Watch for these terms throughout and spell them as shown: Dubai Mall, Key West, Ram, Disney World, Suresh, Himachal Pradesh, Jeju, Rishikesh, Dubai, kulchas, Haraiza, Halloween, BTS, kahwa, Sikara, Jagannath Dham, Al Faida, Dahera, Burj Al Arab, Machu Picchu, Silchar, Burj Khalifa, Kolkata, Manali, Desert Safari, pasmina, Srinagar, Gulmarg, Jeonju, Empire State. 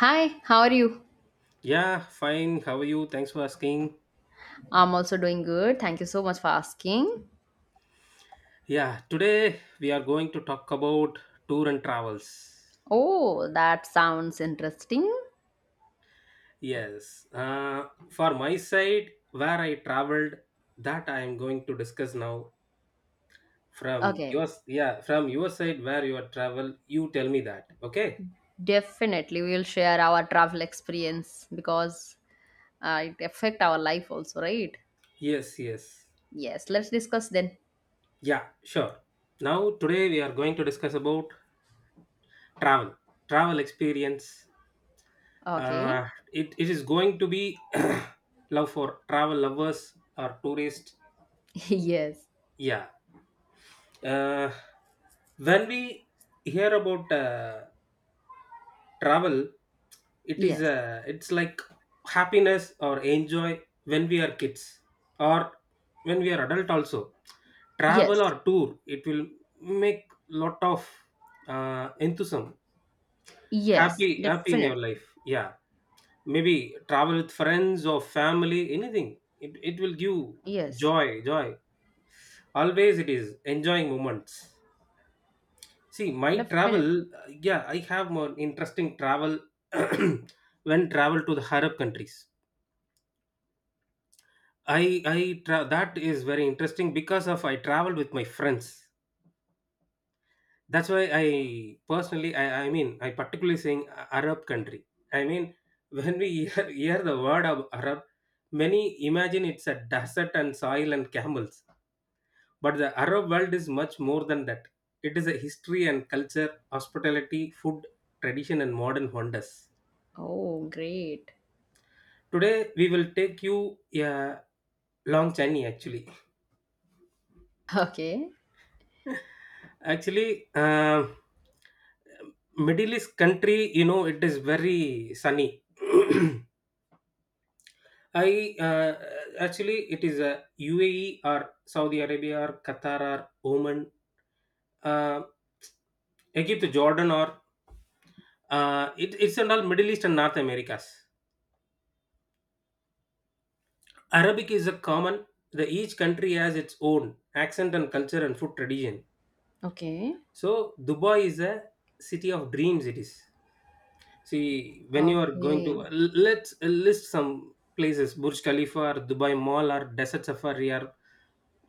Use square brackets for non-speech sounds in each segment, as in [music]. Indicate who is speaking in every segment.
Speaker 1: Hi, how are you?
Speaker 2: Yeah, fine. How are you? Thanks for asking.
Speaker 1: I'm also doing good. Thank you so much for asking.
Speaker 2: Yeah, today we are going to talk about tour and travels.
Speaker 1: Oh, that sounds interesting.
Speaker 2: Yes, for my side, where I traveled, that I am going to discuss now. From
Speaker 1: Okay,
Speaker 2: yours, yeah, from your side, where you are travel, you tell me that. Okay.
Speaker 1: definitely we'll share our travel experience because it affect our life also, right?
Speaker 2: Yes, yes.
Speaker 1: Yes, let's discuss then.
Speaker 2: Yeah, sure. Now today we are going to discuss about travel, travel experience.
Speaker 1: Okay.
Speaker 2: It is going to be [clears throat] love for travel lovers or tourists.
Speaker 1: [laughs] Yes.
Speaker 2: Yeah. uh, when we hear about travel, it is
Speaker 1: Yes.
Speaker 2: uh, it's like happiness or enjoy when we are kids, or when we are adult also, travel
Speaker 1: Yes.
Speaker 2: or tour it will make lot of enthusiasm,
Speaker 1: Yes,
Speaker 2: happy happy in your
Speaker 1: definitely.
Speaker 2: life. Yeah, maybe travel with friends or family, anything, it will give
Speaker 1: Yes,
Speaker 2: joy joy. Always it is enjoying moments. See my travel.
Speaker 1: definitely.
Speaker 2: Yeah, I have more interesting travel. [clears throat] When travel to the Arab countries, that is very interesting because of I traveled with my friends. That's why I personally, I mean, I particularly saying Arab country. I mean, [laughs] when we hear the word of Arab, many imagine it's a desert and soil and camels, but the Arab world is much more than that. It is a history and culture, hospitality, food, tradition, and modern wonders.
Speaker 1: Oh, great.
Speaker 2: Today we will take you a long journey actually.
Speaker 1: Okay.
Speaker 2: [laughs] Actually, uh, Middle East country, it is very sunny. [clears throat] I Actually, it is a UAE, or Saudi Arabia, or Qatar, or Oman, uh, Egypt, Jordan, or it's in all Middle East and North Americas. Arabic is a common. The each country has its own accent and culture and food tradition.
Speaker 1: Okay.
Speaker 2: So Dubai is a city of dreams. It is. See, when you are going
Speaker 1: Okay.
Speaker 2: to let's list some places: Burj Khalifa, or Dubai Mall, or Desert Safari, or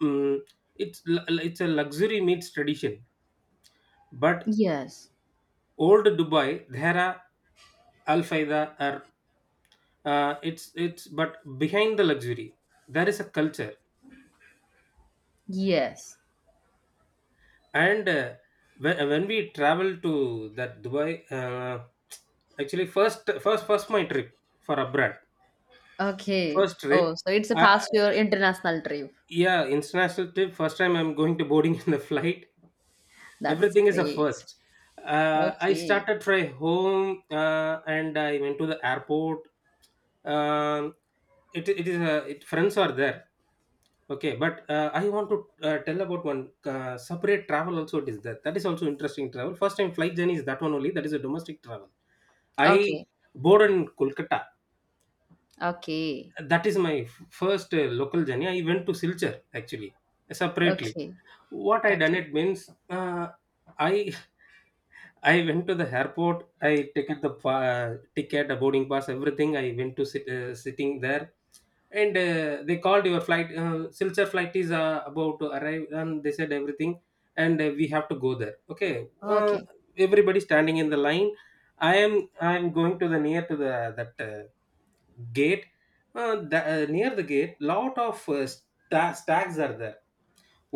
Speaker 2: mm it's a luxury meets tradition. But
Speaker 1: Yes.
Speaker 2: old Dubai, there are Al Faida, or it's but behind the luxury, there is a culture.
Speaker 1: Yes.
Speaker 2: And when we travel to that Dubai, actually, first my trip for abroad,
Speaker 1: Okay.
Speaker 2: first
Speaker 1: Oh,
Speaker 2: trip.
Speaker 1: so it's a
Speaker 2: I.
Speaker 1: past your international trip.
Speaker 2: Yeah, international trip. First time I'm going to boarding [laughs] in the flight.
Speaker 1: That's
Speaker 2: Everything is a
Speaker 1: great.
Speaker 2: first. I
Speaker 1: Okay.
Speaker 2: started from home and I went to the airport. Um, Friends are there. Okay, but I want to tell about one separate travel also. It is that is also interesting travel. First time flight journey is that one only. That is a domestic travel.
Speaker 1: Okay.
Speaker 2: I boarded in Kolkata.
Speaker 1: Okay.
Speaker 2: That is my first local journey. I went to Silchar actually, separately.
Speaker 1: Okay.
Speaker 2: What I done,
Speaker 1: Okay.
Speaker 2: it means, I [laughs] I went to the airport. I ticket the ticket the boarding pass. Everything I went to sit, sitting there. And they called your flight. Silchar flight is about to arrive, and they said everything. And we have to go there. Okay.
Speaker 1: Okay.
Speaker 2: Everybody standing in the line. I am i am going to the near to the that gate. Near the gate, lot of stags are there.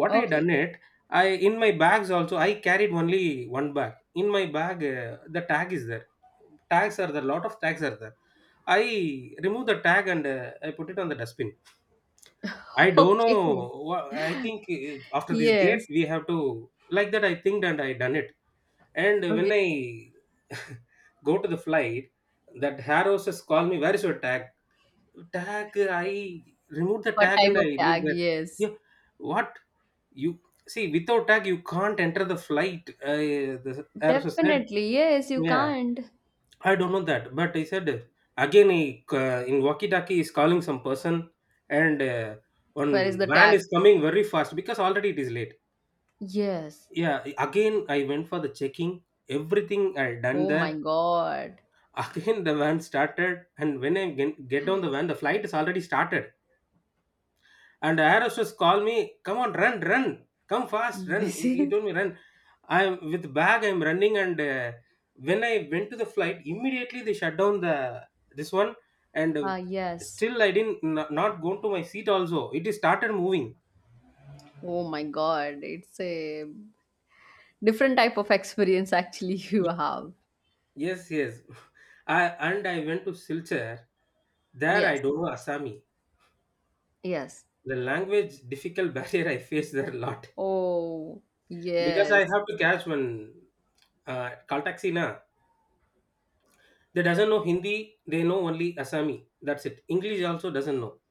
Speaker 2: What I
Speaker 1: Okay.
Speaker 2: done it? I in my bags also I carried only one bag. In my bag, the tag is there, tags are there, lot of tags are there. I remove the tag and I put it on the dustbin. I
Speaker 1: [laughs]
Speaker 2: don't know,
Speaker 1: Okay.
Speaker 2: I think, after this gate
Speaker 1: Yes.
Speaker 2: we have to, like that I think, and I done it. And when
Speaker 1: Okay.
Speaker 2: I [laughs] go to the flight, that hair hostess call me, where is your tag, tag? I remove the
Speaker 1: What
Speaker 2: tag
Speaker 1: type
Speaker 2: and
Speaker 1: of
Speaker 2: I leave
Speaker 1: tag?
Speaker 2: there.
Speaker 1: Yes.
Speaker 2: Yeah. What? You see, without tag, you can't enter the flight. The air hostess said,
Speaker 1: Definitely. Yes, you
Speaker 2: "Yeah,
Speaker 1: can't.
Speaker 2: I don't know that," but I said again. He, in walkie-talkie, is calling some person, and
Speaker 1: Where is
Speaker 2: one
Speaker 1: the
Speaker 2: van
Speaker 1: tag?
Speaker 2: is coming very fast because already it is late.
Speaker 1: Yes.
Speaker 2: Yeah, again I went for the checking. Everything I done
Speaker 1: Oh my
Speaker 2: there.
Speaker 1: God.
Speaker 2: [laughs] Again the van started, and when I get on the van, the flight is already started. And the air hostess called me, "Come on, run, run, come fast, run."
Speaker 1: This
Speaker 2: He,
Speaker 1: [laughs]
Speaker 2: he
Speaker 1: is
Speaker 2: told me, "Run." I'm with bag. I'm running, and when I went to the flight, immediately they shut down the this one, and
Speaker 1: ah yes.
Speaker 2: still I didn't not go to my seat. Also, it is started moving.
Speaker 1: Oh my God. It's a different type of experience [laughs] actually you have.
Speaker 2: Yes, yes. [laughs] I, and I went to Silchar. There I
Speaker 1: Yes.
Speaker 2: don't know Assami.
Speaker 1: Yes.
Speaker 2: The language difficult [laughs] barrier I face there a lot
Speaker 1: Oh,
Speaker 2: because I
Speaker 1: yes.
Speaker 2: have to catch one call taxi na. They doesn't know Hindi, they know only Assami, that's it. English also doesn't know.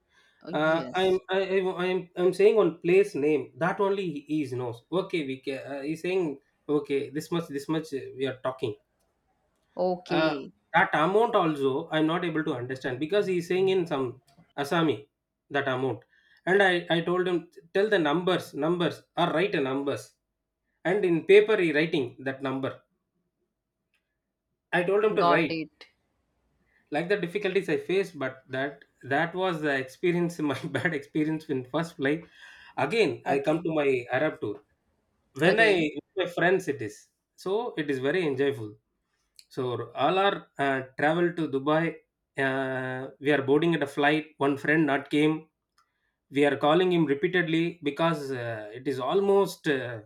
Speaker 1: Oh,
Speaker 2: uh, i'm
Speaker 1: yes.
Speaker 2: I, I- i'm i'm saying on place name that only he is knows, okay, we can, he's saying okay, this much this much, we are talking. uh,
Speaker 1: Okay.
Speaker 2: that amount also I'm not able to understand because he's saying in some Assami that amount. And I told him, tell the numbers numbers, or write a numbers. And in paper he writing that number. I told him to
Speaker 1: Got
Speaker 2: write,
Speaker 1: it.
Speaker 2: like the difficulties I faced, but that was the experience, [laughs] my bad experience in first flight. Again, I come
Speaker 1: Okay.
Speaker 2: to my Arab tour. When I
Speaker 1: Okay.
Speaker 2: with my friends, it is so it is very enjoyable. So all our travel to Dubai, we are boarding at a flight. One friend not came. We are calling him repeatedly because it is almost uh,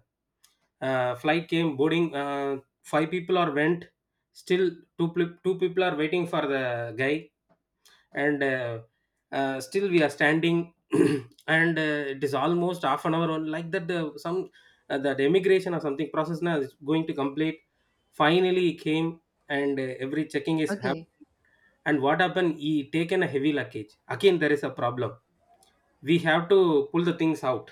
Speaker 2: uh, flight came boarding. Five people are went. Still two people are waiting for the guy, and still we are standing. [clears throat] And it is almost half an hour on, like that the some that immigration or something process now is going to complete. Finally he came, and every checking is
Speaker 1: Okay.
Speaker 2: happened. And what happened, he taken a heavy luggage, again there is a problem. We have to pull the things out.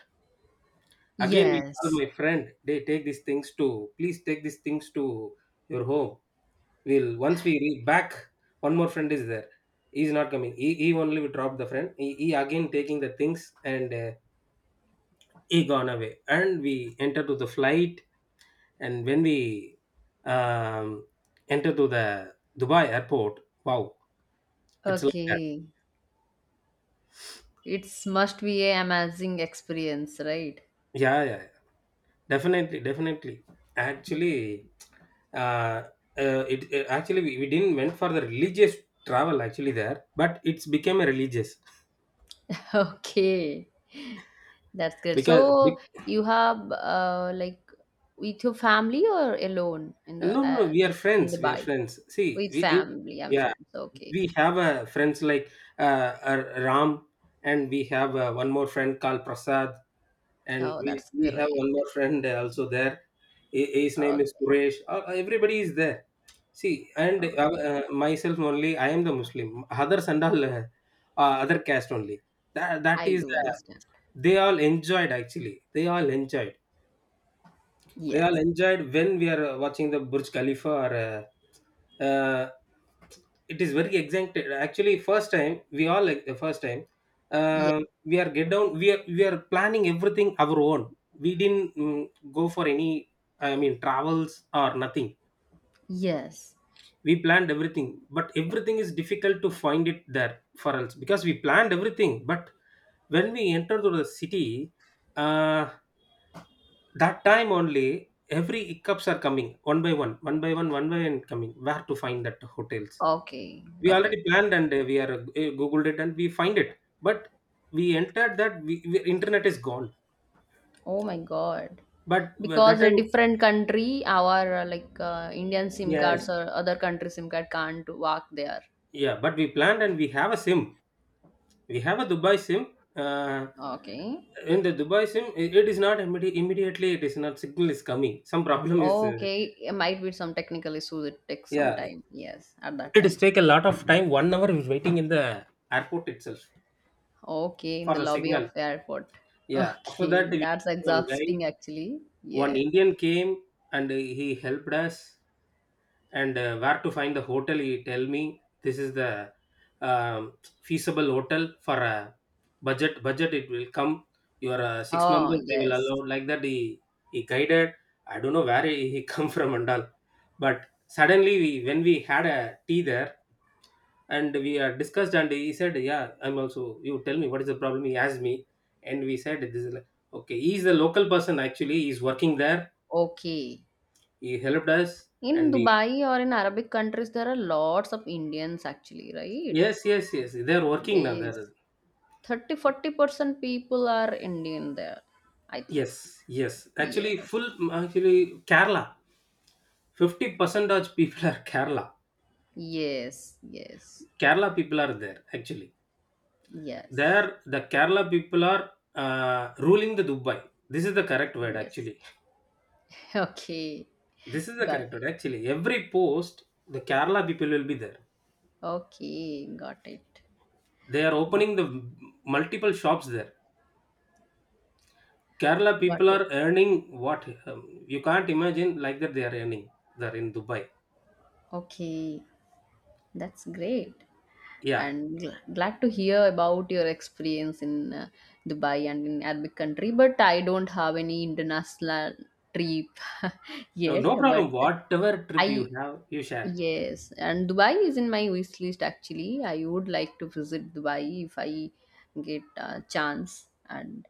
Speaker 2: Again we call
Speaker 1: Yes.
Speaker 2: my friend, they take these things to, please take these things to your home. We'll, once we reach back, one more friend is there. He's not coming. He only we drop the friend. He again taking the things, and he gone away. And we enter to the flight. And when we um, enter to the Dubai airport, wow, it's like that.
Speaker 1: Okay. It's must be a amazing experience, right?
Speaker 2: Yeah, yeah, yeah. Definitely, definitely. Actually, uh, it, it actually we didn't went for the religious travel actually there, but it's became a religious,
Speaker 1: [laughs] Okay. That's great.
Speaker 2: because.
Speaker 1: So you have like with your family or alone in the
Speaker 2: No, no, no, we are
Speaker 1: like in the
Speaker 2: friends. We are
Speaker 1: bike
Speaker 2: friends. See,
Speaker 1: with family and
Speaker 2: yeah,
Speaker 1: friends. Okay.
Speaker 2: we have a friends like uh, Ram, and we have one more friend called Prasad, and
Speaker 1: Oh,
Speaker 2: we,
Speaker 1: that's
Speaker 2: we have
Speaker 1: great.
Speaker 2: one more friend also there. His name
Speaker 1: Okay.
Speaker 2: is Suresh. Everybody is there. See, and
Speaker 1: Okay.
Speaker 2: myself only. I am the Muslim. Others and all other caste only. That that
Speaker 1: I
Speaker 2: is.
Speaker 1: do understand.
Speaker 2: They all enjoyed actually. They all enjoyed they all
Speaker 1: Yes.
Speaker 2: enjoyed when we are watching the Burj Khalifa. Or, it is very excited. Actually, first time we all like the first time,
Speaker 1: Yes.
Speaker 2: uh, we are get down. We are planning everything our own. We didn't go for any. I mean, travels or nothing.
Speaker 1: Yes.
Speaker 2: We planned everything, but everything is difficult to find it there for us because we planned everything. But when we enter to the city, uh, that time only, every hiccups are coming one by one, one by one, one by one coming. Where to find that hotels?
Speaker 1: Okay,
Speaker 2: We
Speaker 1: got it.
Speaker 2: already planned, and we are googled it, and we find it. But we entered that, we internet is gone.
Speaker 1: Oh my god.
Speaker 2: But
Speaker 1: Because
Speaker 2: that
Speaker 1: a
Speaker 2: time,
Speaker 1: different country, our like Indian SIM
Speaker 2: yes,
Speaker 1: cards or other country SIM card can't work there.
Speaker 2: yeah. But we planned and we have a sim. We have a Dubai sim.
Speaker 1: Okay.
Speaker 2: In the Dubai sim, it is not immediately. It is not signal is coming. Some problem is
Speaker 1: Okay, it might be some technical issues. It takes some
Speaker 2: yeah.
Speaker 1: time. Yes, at that
Speaker 2: It is
Speaker 1: time.
Speaker 2: take a lot of time. 1 hour is waiting in the airport itself,
Speaker 1: Okay, in
Speaker 2: for
Speaker 1: the
Speaker 2: the
Speaker 1: lobby of
Speaker 2: signal.
Speaker 1: the airport. [laughs]
Speaker 2: Yeah. After that,
Speaker 1: Okay,
Speaker 2: we,
Speaker 1: that's
Speaker 2: one guy,
Speaker 1: exhausting actually.
Speaker 2: one
Speaker 1: Yes.
Speaker 2: Indian came, and he helped us. And where to find the hotel? He tell me, this is the um, feasible hotel for a budget. Budget it will come. You are six
Speaker 1: Oh,
Speaker 2: members. They will
Speaker 1: yes.
Speaker 2: allow like that. He guided. I don't know where he [laughs] come from and all, but suddenly we when we had a tea there and we had discussed, and he said, yeah, I'm also. You tell me, what is the problem? He asked me, and we said this is like, okay, he's the local person actually, he's working there,
Speaker 1: Okay.
Speaker 2: he helped us.
Speaker 1: In
Speaker 2: And we
Speaker 1: Dubai or in Arabic countries, there are lots of Indians actually, right?
Speaker 2: Yes, yes, yes, they're working now
Speaker 1: Yes.
Speaker 2: there.
Speaker 1: 30-40% people are Indian there, I think.
Speaker 2: Yes, yes. Actually,
Speaker 1: Yes.
Speaker 2: full. Actually, Kerala. 50% of people are Kerala.
Speaker 1: Yes. Yes.
Speaker 2: Kerala people are there actually.
Speaker 1: Yes.
Speaker 2: There, the Kerala people are ruling the Dubai. This is the correct word
Speaker 1: Yes.
Speaker 2: actually.
Speaker 1: [laughs] Okay.
Speaker 2: This is the
Speaker 1: Got
Speaker 2: character
Speaker 1: it.
Speaker 2: actually. Every post, the Kerala people will be there.
Speaker 1: Okay. Got it.
Speaker 2: They are opening
Speaker 1: That's
Speaker 2: the multiple shops there. Kerala
Speaker 1: got
Speaker 2: people
Speaker 1: it.
Speaker 2: are earning what, you can't imagine like that they are earning. They're in Dubai.
Speaker 1: Okay. That's great.
Speaker 2: Yeah.
Speaker 1: And glad to hear about your experience in Dubai and in Arabic country, but I don't have any international trip [laughs]
Speaker 2: No,
Speaker 1: yet.
Speaker 2: no
Speaker 1: But
Speaker 2: problem. Whatever trip you
Speaker 1: I
Speaker 2: have, you share.
Speaker 1: Yes, and Dubai is in my wish list actually. I would like to visit Dubai if I get a chance, and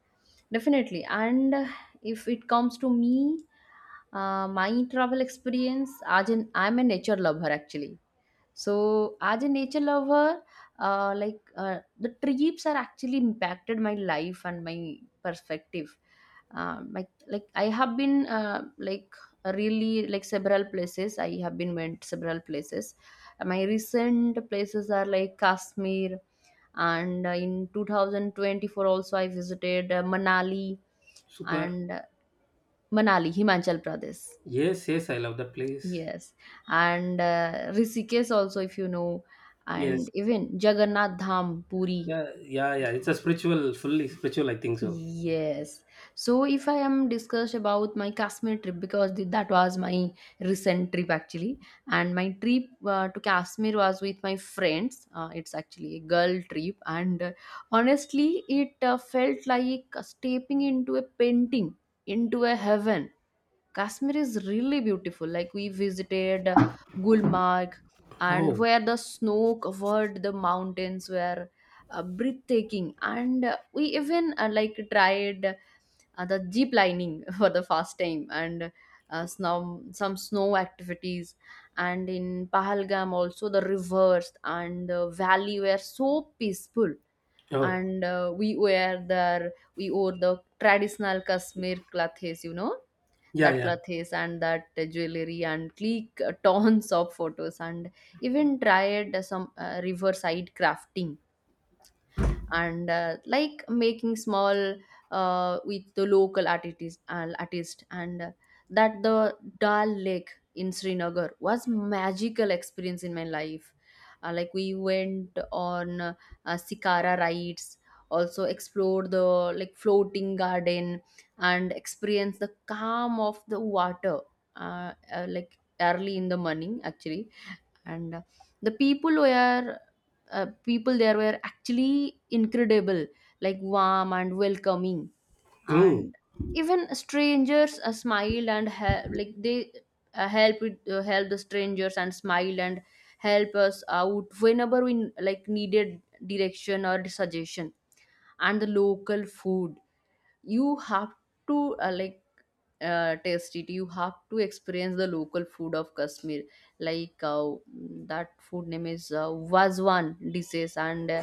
Speaker 1: definitely. And if it comes to me, my travel experience, as an, I'm a nature lover actually. So, as a nature lover, like the trips are actually impacted my life and my perspective. Like I have been like really like several places. I have been went several places. My recent places are like Kashmir, and in 2024 also I visited Manali
Speaker 2: Super.
Speaker 1: and Manali, Himachal Pradesh.
Speaker 2: Yes, yes, I love that place.
Speaker 1: Yes, and Rishikesh also, if you know, and
Speaker 2: Yes.
Speaker 1: even Jagannath Dham, Puri.
Speaker 2: Yeah, yeah, yeah. It's a spiritual, fully spiritual, I think so.
Speaker 1: Yes. So if I am discussed about my Kashmir trip because that was my recent trip actually, and my trip to Kashmir was with my friends. It's actually a girl trip, and honestly, it felt like stepping into a painting, into a heaven. Kashmir is really beautiful. Like we visited Gulmarg and
Speaker 2: Oh,
Speaker 1: where the snow covered the mountains were breathtaking and we even like tried the jeep lining [laughs] for the first time and some snow activities and in Pahalgam also the rivers and the valley were so peaceful.
Speaker 2: oh,
Speaker 1: And we were there, we wore the traditional Kashmir clothes, you know,
Speaker 2: yeah,
Speaker 1: that
Speaker 2: yeah.
Speaker 1: clothes and that jewelry, and click tons of photos and even tried some riverside crafting and like making small with the local artist, artist, and that the Dal Lake in Srinagar was magical experience in my life. Like we went on Sikara rides, also explored the like floating garden and experience the calm of the water like early in the morning actually. And the people were people there were actually incredible, like warm and welcoming.
Speaker 2: Mm.
Speaker 1: And even strangers smiled and he- like they help with help the strangers and smiled and help us out whenever we like needed direction or suggestion. And the local food, you have to like taste it, you have to experience the local food of kashmir, like that food name is wazwan dishes. And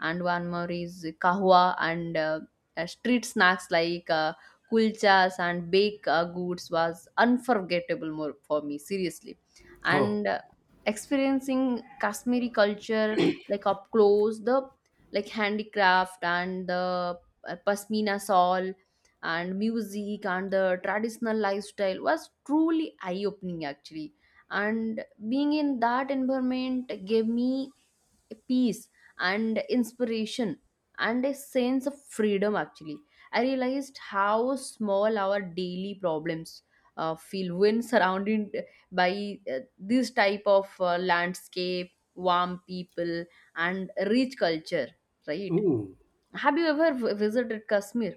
Speaker 1: and one more is kahwa. And street snacks like kulchas and baked goods was unforgettable more for me seriously.
Speaker 2: Oh,
Speaker 1: And experiencing kashmiri culture like up close, the like handicraft and the pasmina shawl and music and the traditional lifestyle was truly eye opening actually. And being in that environment gave me peace and inspiration and a sense of freedom actually. I realized how small our daily problems feel when surrounded by this type of landscape, warm people, and rich culture, right?
Speaker 2: mm.
Speaker 1: Have you ever visited Kashmir?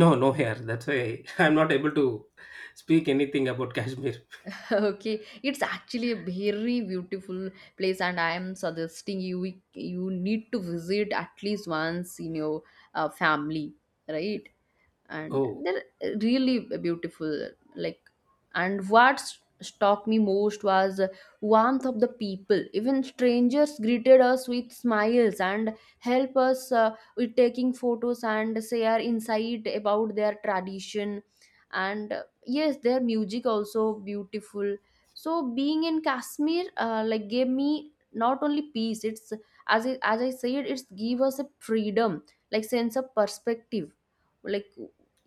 Speaker 2: No, no hair. That's why [laughs] I'm not able to speak anything about Kashmir.
Speaker 1: [laughs] Okay, it's actually a very beautiful place, and I am suggesting you, you need to visit at least once in your family, right? And
Speaker 2: Oh,
Speaker 1: they're really beautiful, like. And what struck me most was warmth of the people, even strangers greeted us with smiles and help us with taking photos and share insight about their tradition. And yes, their music also beautiful. So being in kashmir like gave me not only peace, it's, as I said, it's give us a freedom, like sense of perspective, like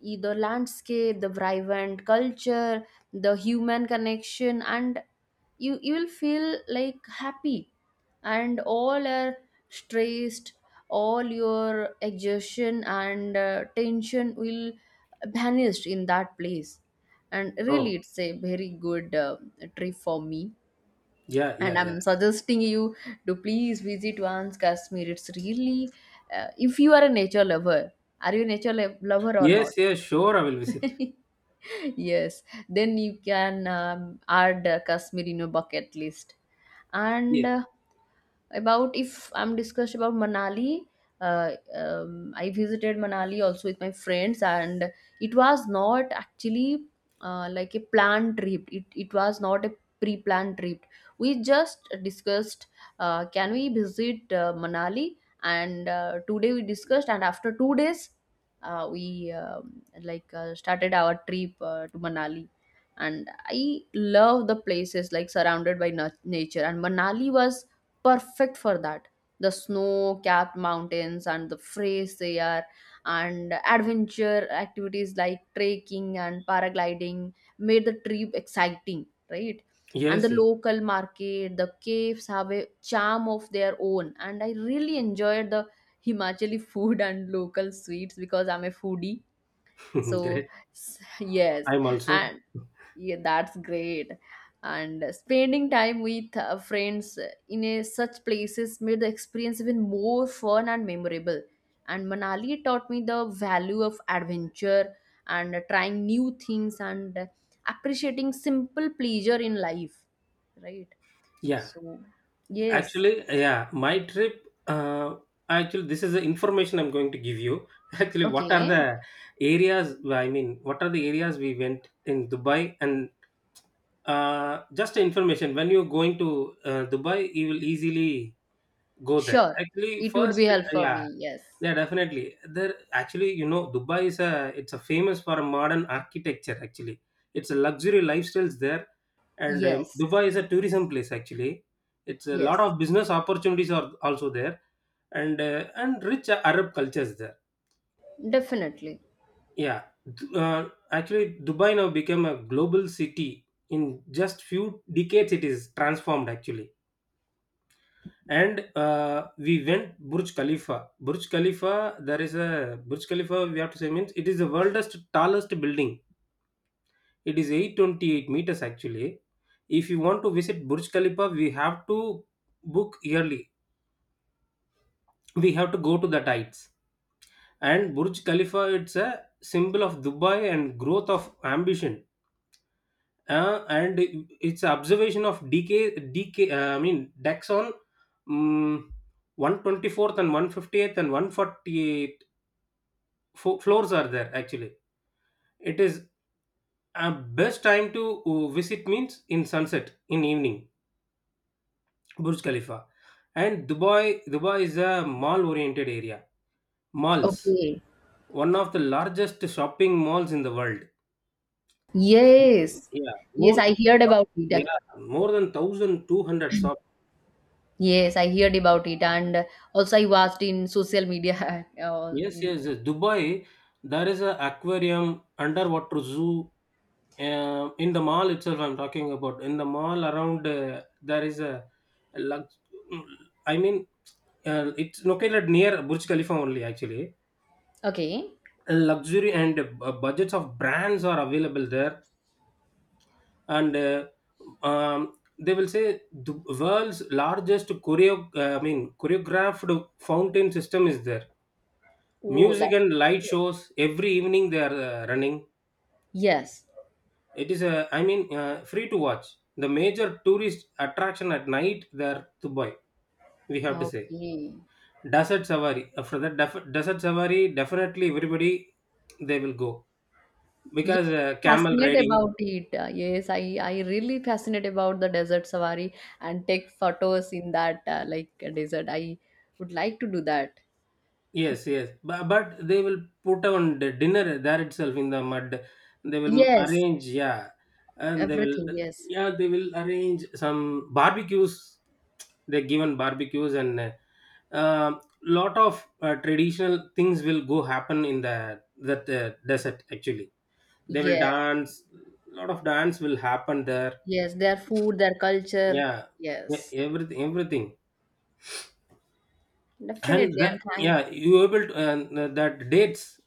Speaker 1: the landscape, the vibrant culture, the human connection, and you will feel like happy, and all are stressed, all your exhaustion and tension will vanish in that place. And
Speaker 2: oh,
Speaker 1: really, it's a very good trip for me.
Speaker 2: yeah,
Speaker 1: And
Speaker 2: yeah, yeah.
Speaker 1: I'm suggesting you to please visit once Kashmir. It's really, if you are a nature lover, are you a nature lover or not?
Speaker 2: Yes, yes, sure, I will visit.
Speaker 1: [laughs] [laughs] Yes, then you can add kashmir in your bucket list. And
Speaker 2: Yes,
Speaker 1: about if I'm discussed about manali, I visited manali also with my friends. And it was not actually like a planned trip, it was not a pre-planned trip. We just discussed can we visit manali. And today we discussed and after 2 days we like started our trip to manali. And I love the places like surrounded by nature and manali was perfect for that. The snow capped mountains and the fresh air and adventure activities like trekking and paragliding made the trip exciting, right? And the
Speaker 2: yes, yes.
Speaker 1: local market, the caves have a charm of their own. And I really enjoyed the Himachali food and local sweets because I'm a foodie.
Speaker 2: [laughs]
Speaker 1: So,
Speaker 2: Great.
Speaker 1: [laughs] yes.
Speaker 2: I'm also,
Speaker 1: And yeah, that's great. And spending time with friends in a, such places, made the experience even more fun and memorable. And Manali taught me the value of adventure and trying new things and appreciating simple pleasure in life. Right?
Speaker 2: yeah.
Speaker 1: So, yes.
Speaker 2: Actually, yeah, my trip, actually, this is the information I'm going to give you. [laughs] Actually, what are
Speaker 1: Okay.
Speaker 2: the areas, I mean, what are the areas we went in Dubai? And just information, when you're going to Dubai, you will easily go there
Speaker 1: Sure.
Speaker 2: actually
Speaker 1: It would be
Speaker 2: first.
Speaker 1: helpful for
Speaker 2: Yeah,
Speaker 1: me. Yes.
Speaker 2: yeah, definitely there. Actually, you know, dubai is a it's a famous for modern architecture actually. It's a luxury lifestyles there, and
Speaker 1: Yes.
Speaker 2: Dubai is a tourism place actually. It's a lot
Speaker 1: Yes.
Speaker 2: of business opportunities are also there, and rich Arab cultures there.
Speaker 1: Definitely.
Speaker 2: Yeah, actually, Dubai now became a global city in just few decades, it is transformed actually. And we went Burj Khalifa. Burj Khalifa, there is a Burj Khalifa. We have to say means it is the world's tallest building. It is 828 meters actually. If you want to visit Burj Khalifa, we have to book yearly. We have to go to the heights. And Burj Khalifa, it's a symbol of Dubai and growth of ambition. And it's observation of decay. I mean, Daxon. Um, 124th and 150th and 148 floors are there actually. It is a best time to visit means in sunset, in evening, Burj Khalifa. And Dubai. Dubai is a mall oriented area, malls,
Speaker 1: Okay.
Speaker 2: one of the largest shopping malls in the world.
Speaker 1: Yes,
Speaker 2: Yeah,
Speaker 1: yes,
Speaker 2: more.
Speaker 1: I heard about it.
Speaker 2: Yeah, more than 1,200 shops.
Speaker 1: Yes, I heard about it, and also I watched in social media. [laughs]
Speaker 2: Yes,
Speaker 1: In,
Speaker 2: yes, yes. Dubai, there is a aquarium, underwater zoo. In the mall itself, I'm talking about, in the mall around, there is a lux. I mean, it's located near Burj Khalifa only actually.
Speaker 1: okay.
Speaker 2: Luxury and budgets of brands are available there, and they will say the world's largest choreo. I mean, choreographed fountain system is there.
Speaker 1: Oh, that's
Speaker 2: Music and light
Speaker 1: great.
Speaker 2: shows every evening they are running.
Speaker 1: Yes.
Speaker 2: It is a, I mean, free to watch. The major tourist attraction at night there, Dubai. We have to say
Speaker 1: Okay.
Speaker 2: Desert Safari. After that, Desert Safari, definitely everybody they will go
Speaker 1: Yes,
Speaker 2: because camel
Speaker 1: fascinate
Speaker 2: riding.
Speaker 1: about it. Yes, I really fascinate about the desert safari and take photos in that like desert. I would like to do that.
Speaker 2: Yes, yes. But they will put on the dinner there itself in the mud. They will
Speaker 1: Yes,
Speaker 2: arrange, yeah. And they will,
Speaker 1: everything. Yes,
Speaker 2: yeah, they will arrange some barbecues. They're given barbecues and a lot of traditional things will go happen in the that desert actually. They will
Speaker 1: yes,
Speaker 2: dance. Lot of dance will happen there.
Speaker 1: yes. Their food, their culture.
Speaker 2: Yeah,
Speaker 1: Yes,
Speaker 2: everything, everything. And
Speaker 1: definitely.
Speaker 2: the,
Speaker 1: And thank.
Speaker 2: yeah, you able to, that dates,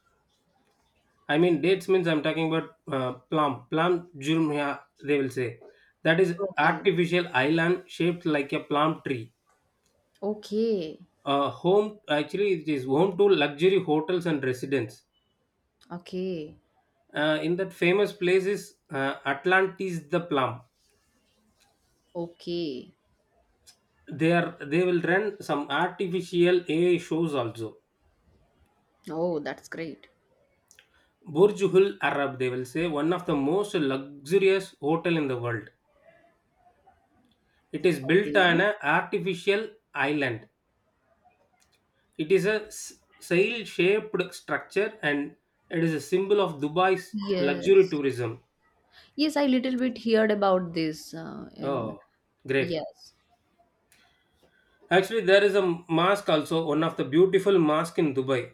Speaker 2: I mean, dates means I'm talking about plum, jurmia, they will say. That is
Speaker 1: Okay.
Speaker 2: artificial island shaped like a plum tree.
Speaker 1: Okay.
Speaker 2: Home, actually, it is home to luxury hotels and residents.
Speaker 1: Okay.
Speaker 2: In that famous place is Atlantis the Plum.
Speaker 1: Okay.
Speaker 2: They will run some artificial AI shows also.
Speaker 1: Oh, that's great.
Speaker 2: Burj Al Arab, they will say, one of the most luxurious hotel in the world. It is built on
Speaker 1: Okay.
Speaker 2: an artificial island. It is a sail shaped structure, and it is a symbol of Dubai's luxury
Speaker 1: Yes.
Speaker 2: tourism.
Speaker 1: Yes, I little bit heard about this in
Speaker 2: Oh, great.
Speaker 1: yes.
Speaker 2: Actually, there is a mosque also, one of the beautiful mosque in Dubai,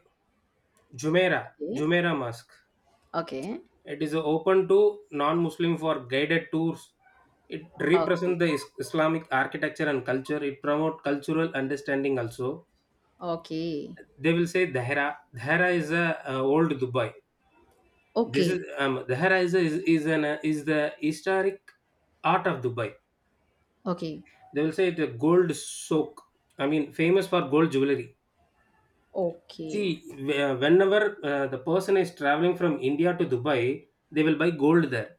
Speaker 2: Jumeirah,
Speaker 1: Okay.
Speaker 2: Jumeirah Mosque.
Speaker 1: Okay.
Speaker 2: It is open to non-Muslim for guided tours. It
Speaker 1: Okay.
Speaker 2: represents the Islamic architecture and culture. It promotes cultural understanding also.
Speaker 1: Okay.
Speaker 2: They will say Dahera. Dahera is a old Dubai. This
Speaker 1: Okay.
Speaker 2: is the Haraiza is the historic art of Dubai.
Speaker 1: Okay.
Speaker 2: They will say it's a gold soak. I mean, famous for gold jewelry.
Speaker 1: Okay.
Speaker 2: See, whenever the person is traveling from India to Dubai, they will buy gold there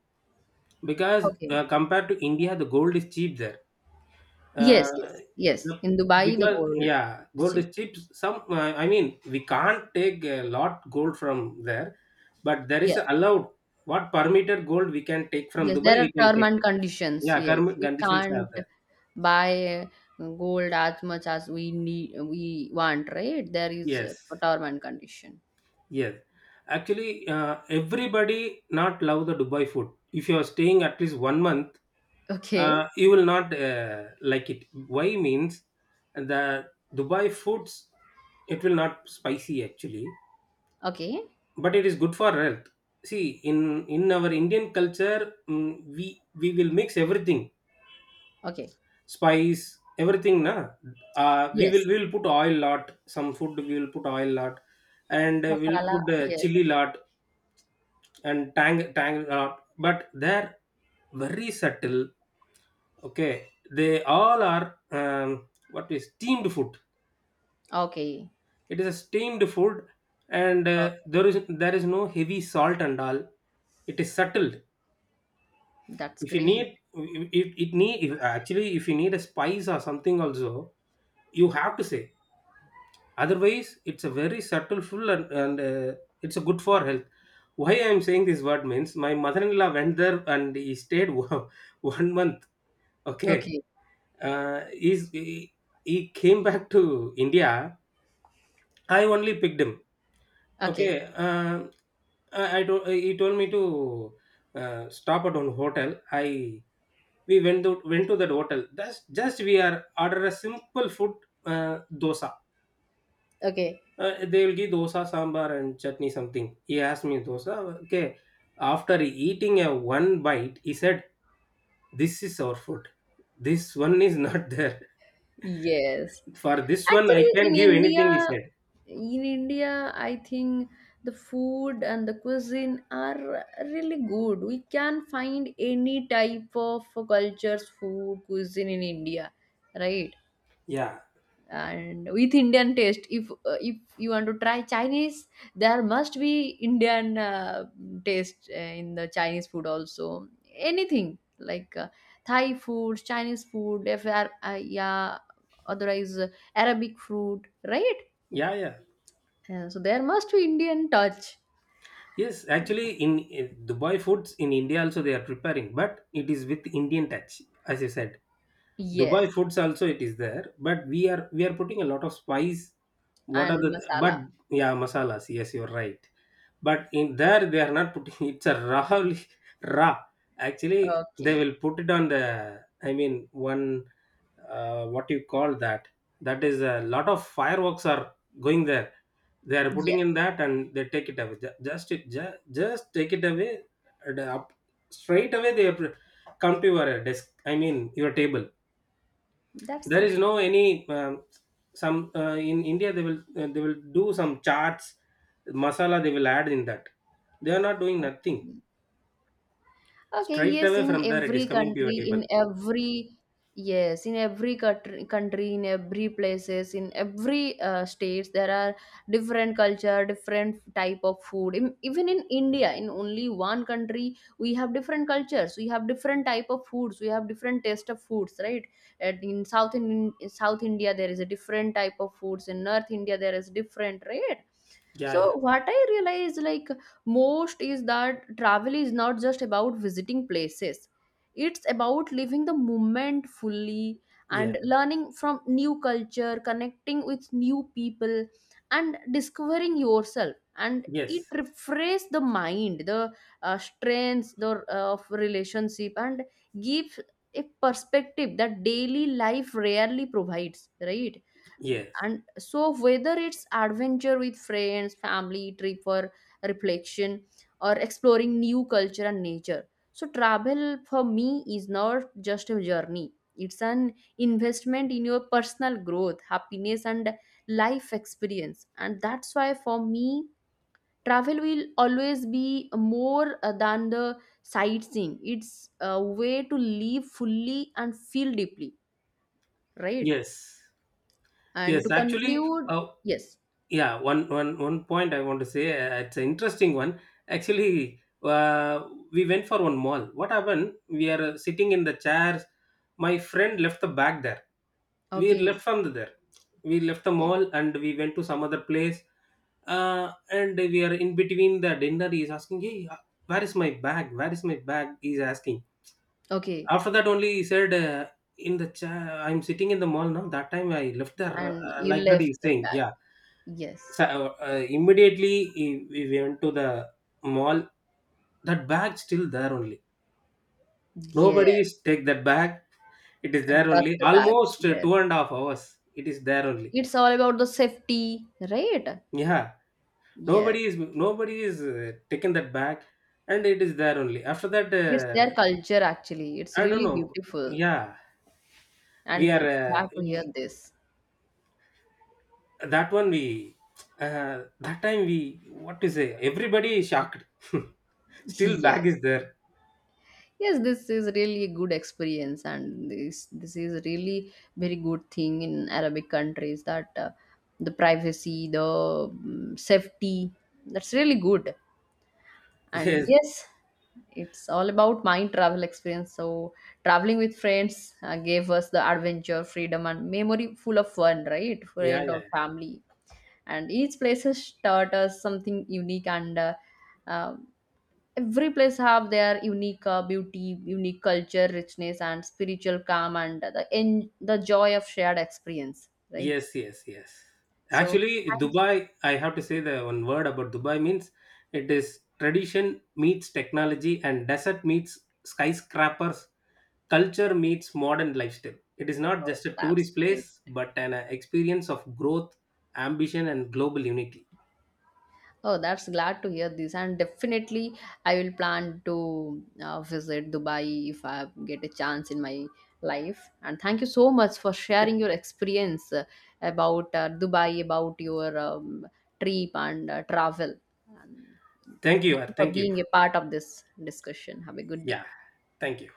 Speaker 2: because
Speaker 1: Okay.
Speaker 2: compared to India, the gold is cheap there.
Speaker 1: Yes,
Speaker 2: uh,
Speaker 1: yes. Yes.
Speaker 2: yep,
Speaker 1: In Dubai the
Speaker 2: because
Speaker 1: gold
Speaker 2: yeah,
Speaker 1: is
Speaker 2: gold
Speaker 1: cheap.
Speaker 2: is cheap. Some I mean, we can't take a lot gold from there, but there is
Speaker 1: Yes.
Speaker 2: allowed what permitted gold we can take from
Speaker 1: Yes,
Speaker 2: Dubai,
Speaker 1: there are
Speaker 2: we can
Speaker 1: term
Speaker 2: take
Speaker 1: and
Speaker 2: it.
Speaker 1: conditions.
Speaker 2: Yeah,
Speaker 1: Yes,
Speaker 2: karma
Speaker 1: we
Speaker 2: conditions are
Speaker 1: can't
Speaker 2: there.
Speaker 1: buy gold as much as we need, we want, right? There is
Speaker 2: Yes,
Speaker 1: a term and condition.
Speaker 2: yes. Actually, everybody not love the Dubai food. If you are staying at least one month,
Speaker 1: Okay,
Speaker 2: you will not like it. Why means, the Dubai foods, it will not spicy actually,
Speaker 1: okay,
Speaker 2: but it is good for health. See, in in our Indian culture, mm, we we will mix everything.
Speaker 1: okay.
Speaker 2: Spice everything na. We will,
Speaker 1: Yes,
Speaker 2: we will put oil lot. Some food we will put oil lot. And we'll
Speaker 1: masala.
Speaker 2: put
Speaker 1: Yes.
Speaker 2: chili lot, and tang tang lot. But they're very subtle. Okay, they all are um, what is steamed food.
Speaker 1: Okay.
Speaker 2: It is a steamed food, and
Speaker 1: Okay,
Speaker 2: there is there is no heavy salt and all. It is subtle.
Speaker 1: that's
Speaker 2: If you
Speaker 1: great.
Speaker 2: need if it need if actually if you need a spice or something also, you have to say. Otherwise, it's a very subtle full, and it's a good for health. Why I'm saying this word means, my mother-in-law went there and he stayed [laughs] one month. Okay.
Speaker 1: Okay,
Speaker 2: uh, he's, he, he came [laughs] back to India. I only picked him. Okay.
Speaker 1: okay,
Speaker 2: I told He told me to stop at one hotel. I We went to that hotel. That's just, we are order a simple food, uh, dosa.
Speaker 1: okay.
Speaker 2: They will give dosa sambar and chutney something. He asked me dosa. Okay. After eating a one bite, he said, this is our food, this one is not [laughs] there.
Speaker 1: Yes.
Speaker 2: For this one, I
Speaker 1: Actually,
Speaker 2: can give anything, he said.
Speaker 1: In India, I think the food and the cuisine are really good. We can find any type of cultures, food, cuisine in India, right?
Speaker 2: Yeah,
Speaker 1: And with indian taste, if you want to try chinese, there must be indian taste in the chinese food also, anything like thai food, chinese food, if are yeah, otherwise arabic food, right.
Speaker 2: yeah, yeah.
Speaker 1: So there must be indian touch,
Speaker 2: Yes,
Speaker 1: and
Speaker 2: actually, in Dubai foods in India also they are preparing, but it is with Indian touch. As you said, Dubai
Speaker 1: yes
Speaker 2: foods also it is there, but we are putting a lot of spice. What
Speaker 1: and
Speaker 2: are the but,
Speaker 1: masala
Speaker 2: yeah, masalas. Yes, you're right. But in there they are not putting [laughs] it's a raw, raw. Actually, they
Speaker 1: okay
Speaker 2: will put it on the, I mean, one, what you call that. That is, a lot of fireworks are going there. They are putting in
Speaker 1: yes
Speaker 2: that and they take it away. Just it just take it away, and up, straight away, they have come to your desk. I mean, your table.
Speaker 1: that's
Speaker 2: There is
Speaker 1: great
Speaker 2: no any some in India they will they will do some charts masala, they will add in that. They are not doing nothing.
Speaker 1: okay. Okay,
Speaker 2: Straight
Speaker 1: yes,
Speaker 2: away
Speaker 1: in
Speaker 2: from there it is
Speaker 1: every
Speaker 2: coming to your
Speaker 1: country,
Speaker 2: table.
Speaker 1: in every yes, in every country, country, in every places, in every states, there are different culture, different type of food. In, even in India, in only one country, we have different cultures, we have different type of foods, we have different taste of foods, right? And in South India, there is a different type of foods. In North India, there is different, right?
Speaker 2: Yeah,
Speaker 1: So
Speaker 2: yeah,
Speaker 1: what I realized like most is that travel is not just about visiting places, it's about living the moment fully
Speaker 2: yeah.
Speaker 1: and learning from new culture, connecting with new people, and discovering yourself. And it
Speaker 2: Yes,
Speaker 1: refreshes the mind, the strengths the of relationship, and gives a perspective that daily life rarely provides, right?
Speaker 2: yes,
Speaker 1: And so whether it's adventure with friends, family trip, or reflection, or exploring new culture and nature, so travel for me is not just a journey, it's an investment in your personal growth, happiness, and life experience. And that's why for me travel will always be more than the sightseeing, it's a way to live fully and feel deeply, right?
Speaker 2: yes,
Speaker 1: And to
Speaker 2: yes, actually
Speaker 1: conclude,
Speaker 2: uh,
Speaker 1: yes
Speaker 2: yeah, one one one point I want to say. It's an interesting one. Actually, we went for one mall. What happened, we are sitting in the chairs, my friend left the bag there. We
Speaker 1: okay
Speaker 2: left from there, we left the
Speaker 1: okay
Speaker 2: mall and we went to some other place. And we are in between the dinner, he is asking, hey, where is my bag, where is my bag, he is asking.
Speaker 1: okay.
Speaker 2: After that only he said, in the chair I'm sitting in the mall, now that time I left there,
Speaker 1: And you
Speaker 2: like that,
Speaker 1: left
Speaker 2: he's
Speaker 1: the
Speaker 2: saying.
Speaker 1: bag
Speaker 2: Yeah.
Speaker 1: yes.
Speaker 2: So, immediately we went to the mall. That bag still there only. Nobody
Speaker 1: Yes,
Speaker 2: is take that bag. It is
Speaker 1: and
Speaker 2: there
Speaker 1: dust
Speaker 2: only.
Speaker 1: the bag.
Speaker 2: Almost
Speaker 1: Yes.
Speaker 2: 2.5 hours. It is there only.
Speaker 1: It's all about the safety, right?
Speaker 2: Yeah.
Speaker 1: Yes.
Speaker 2: Nobody is taken that bag, and it is there only. After that,
Speaker 1: It's their culture actually. It's
Speaker 2: I don't
Speaker 1: really
Speaker 2: know.
Speaker 1: beautiful
Speaker 2: Yeah, we
Speaker 1: and
Speaker 2: are
Speaker 1: glad to hear
Speaker 2: we,
Speaker 1: this.
Speaker 2: that one. We that time we, what to say? Everybody is shocked. [laughs]
Speaker 1: [laughs]
Speaker 2: Still
Speaker 1: Yes.
Speaker 2: bag is there.
Speaker 1: Yes, this is really a good experience, and this is really very good thing in Arabic countries that the privacy, the safety, that's really good. And
Speaker 2: Yes.
Speaker 1: yes, it's all about my travel experience. So traveling with friends gave us the adventure, freedom, and memory full of fun, right?
Speaker 2: Yeah.
Speaker 1: Friend
Speaker 2: Yeah.
Speaker 1: or family, and each place has taught us something unique. And um, every place have their unique beauty, unique culture, richness, and spiritual calm, and the the joy of shared experience, right?
Speaker 2: Yes, yes, yes.
Speaker 1: So
Speaker 2: Actually,
Speaker 1: thank you.
Speaker 2: Dubai, I have to say the one word about Dubai means it is tradition meets technology, and desert meets skyscrapers, culture meets modern lifestyle. It is not
Speaker 1: Oh,
Speaker 2: just a
Speaker 1: that's
Speaker 2: tourist
Speaker 1: great.
Speaker 2: place, but an experience of growth, ambition, and global unity.
Speaker 1: Oh, that's glad to hear this, and definitely I will plan to visit Dubai if I get a chance in my life. And thank you so much for
Speaker 2: Th-
Speaker 1: sharing your experience about Dubai, about your trip and travel. And
Speaker 2: Thank you,
Speaker 1: thank
Speaker 2: Ar.
Speaker 1: you for
Speaker 2: Thank you.
Speaker 1: being a part of this discussion. Have a good day.
Speaker 2: Yeah, thank you.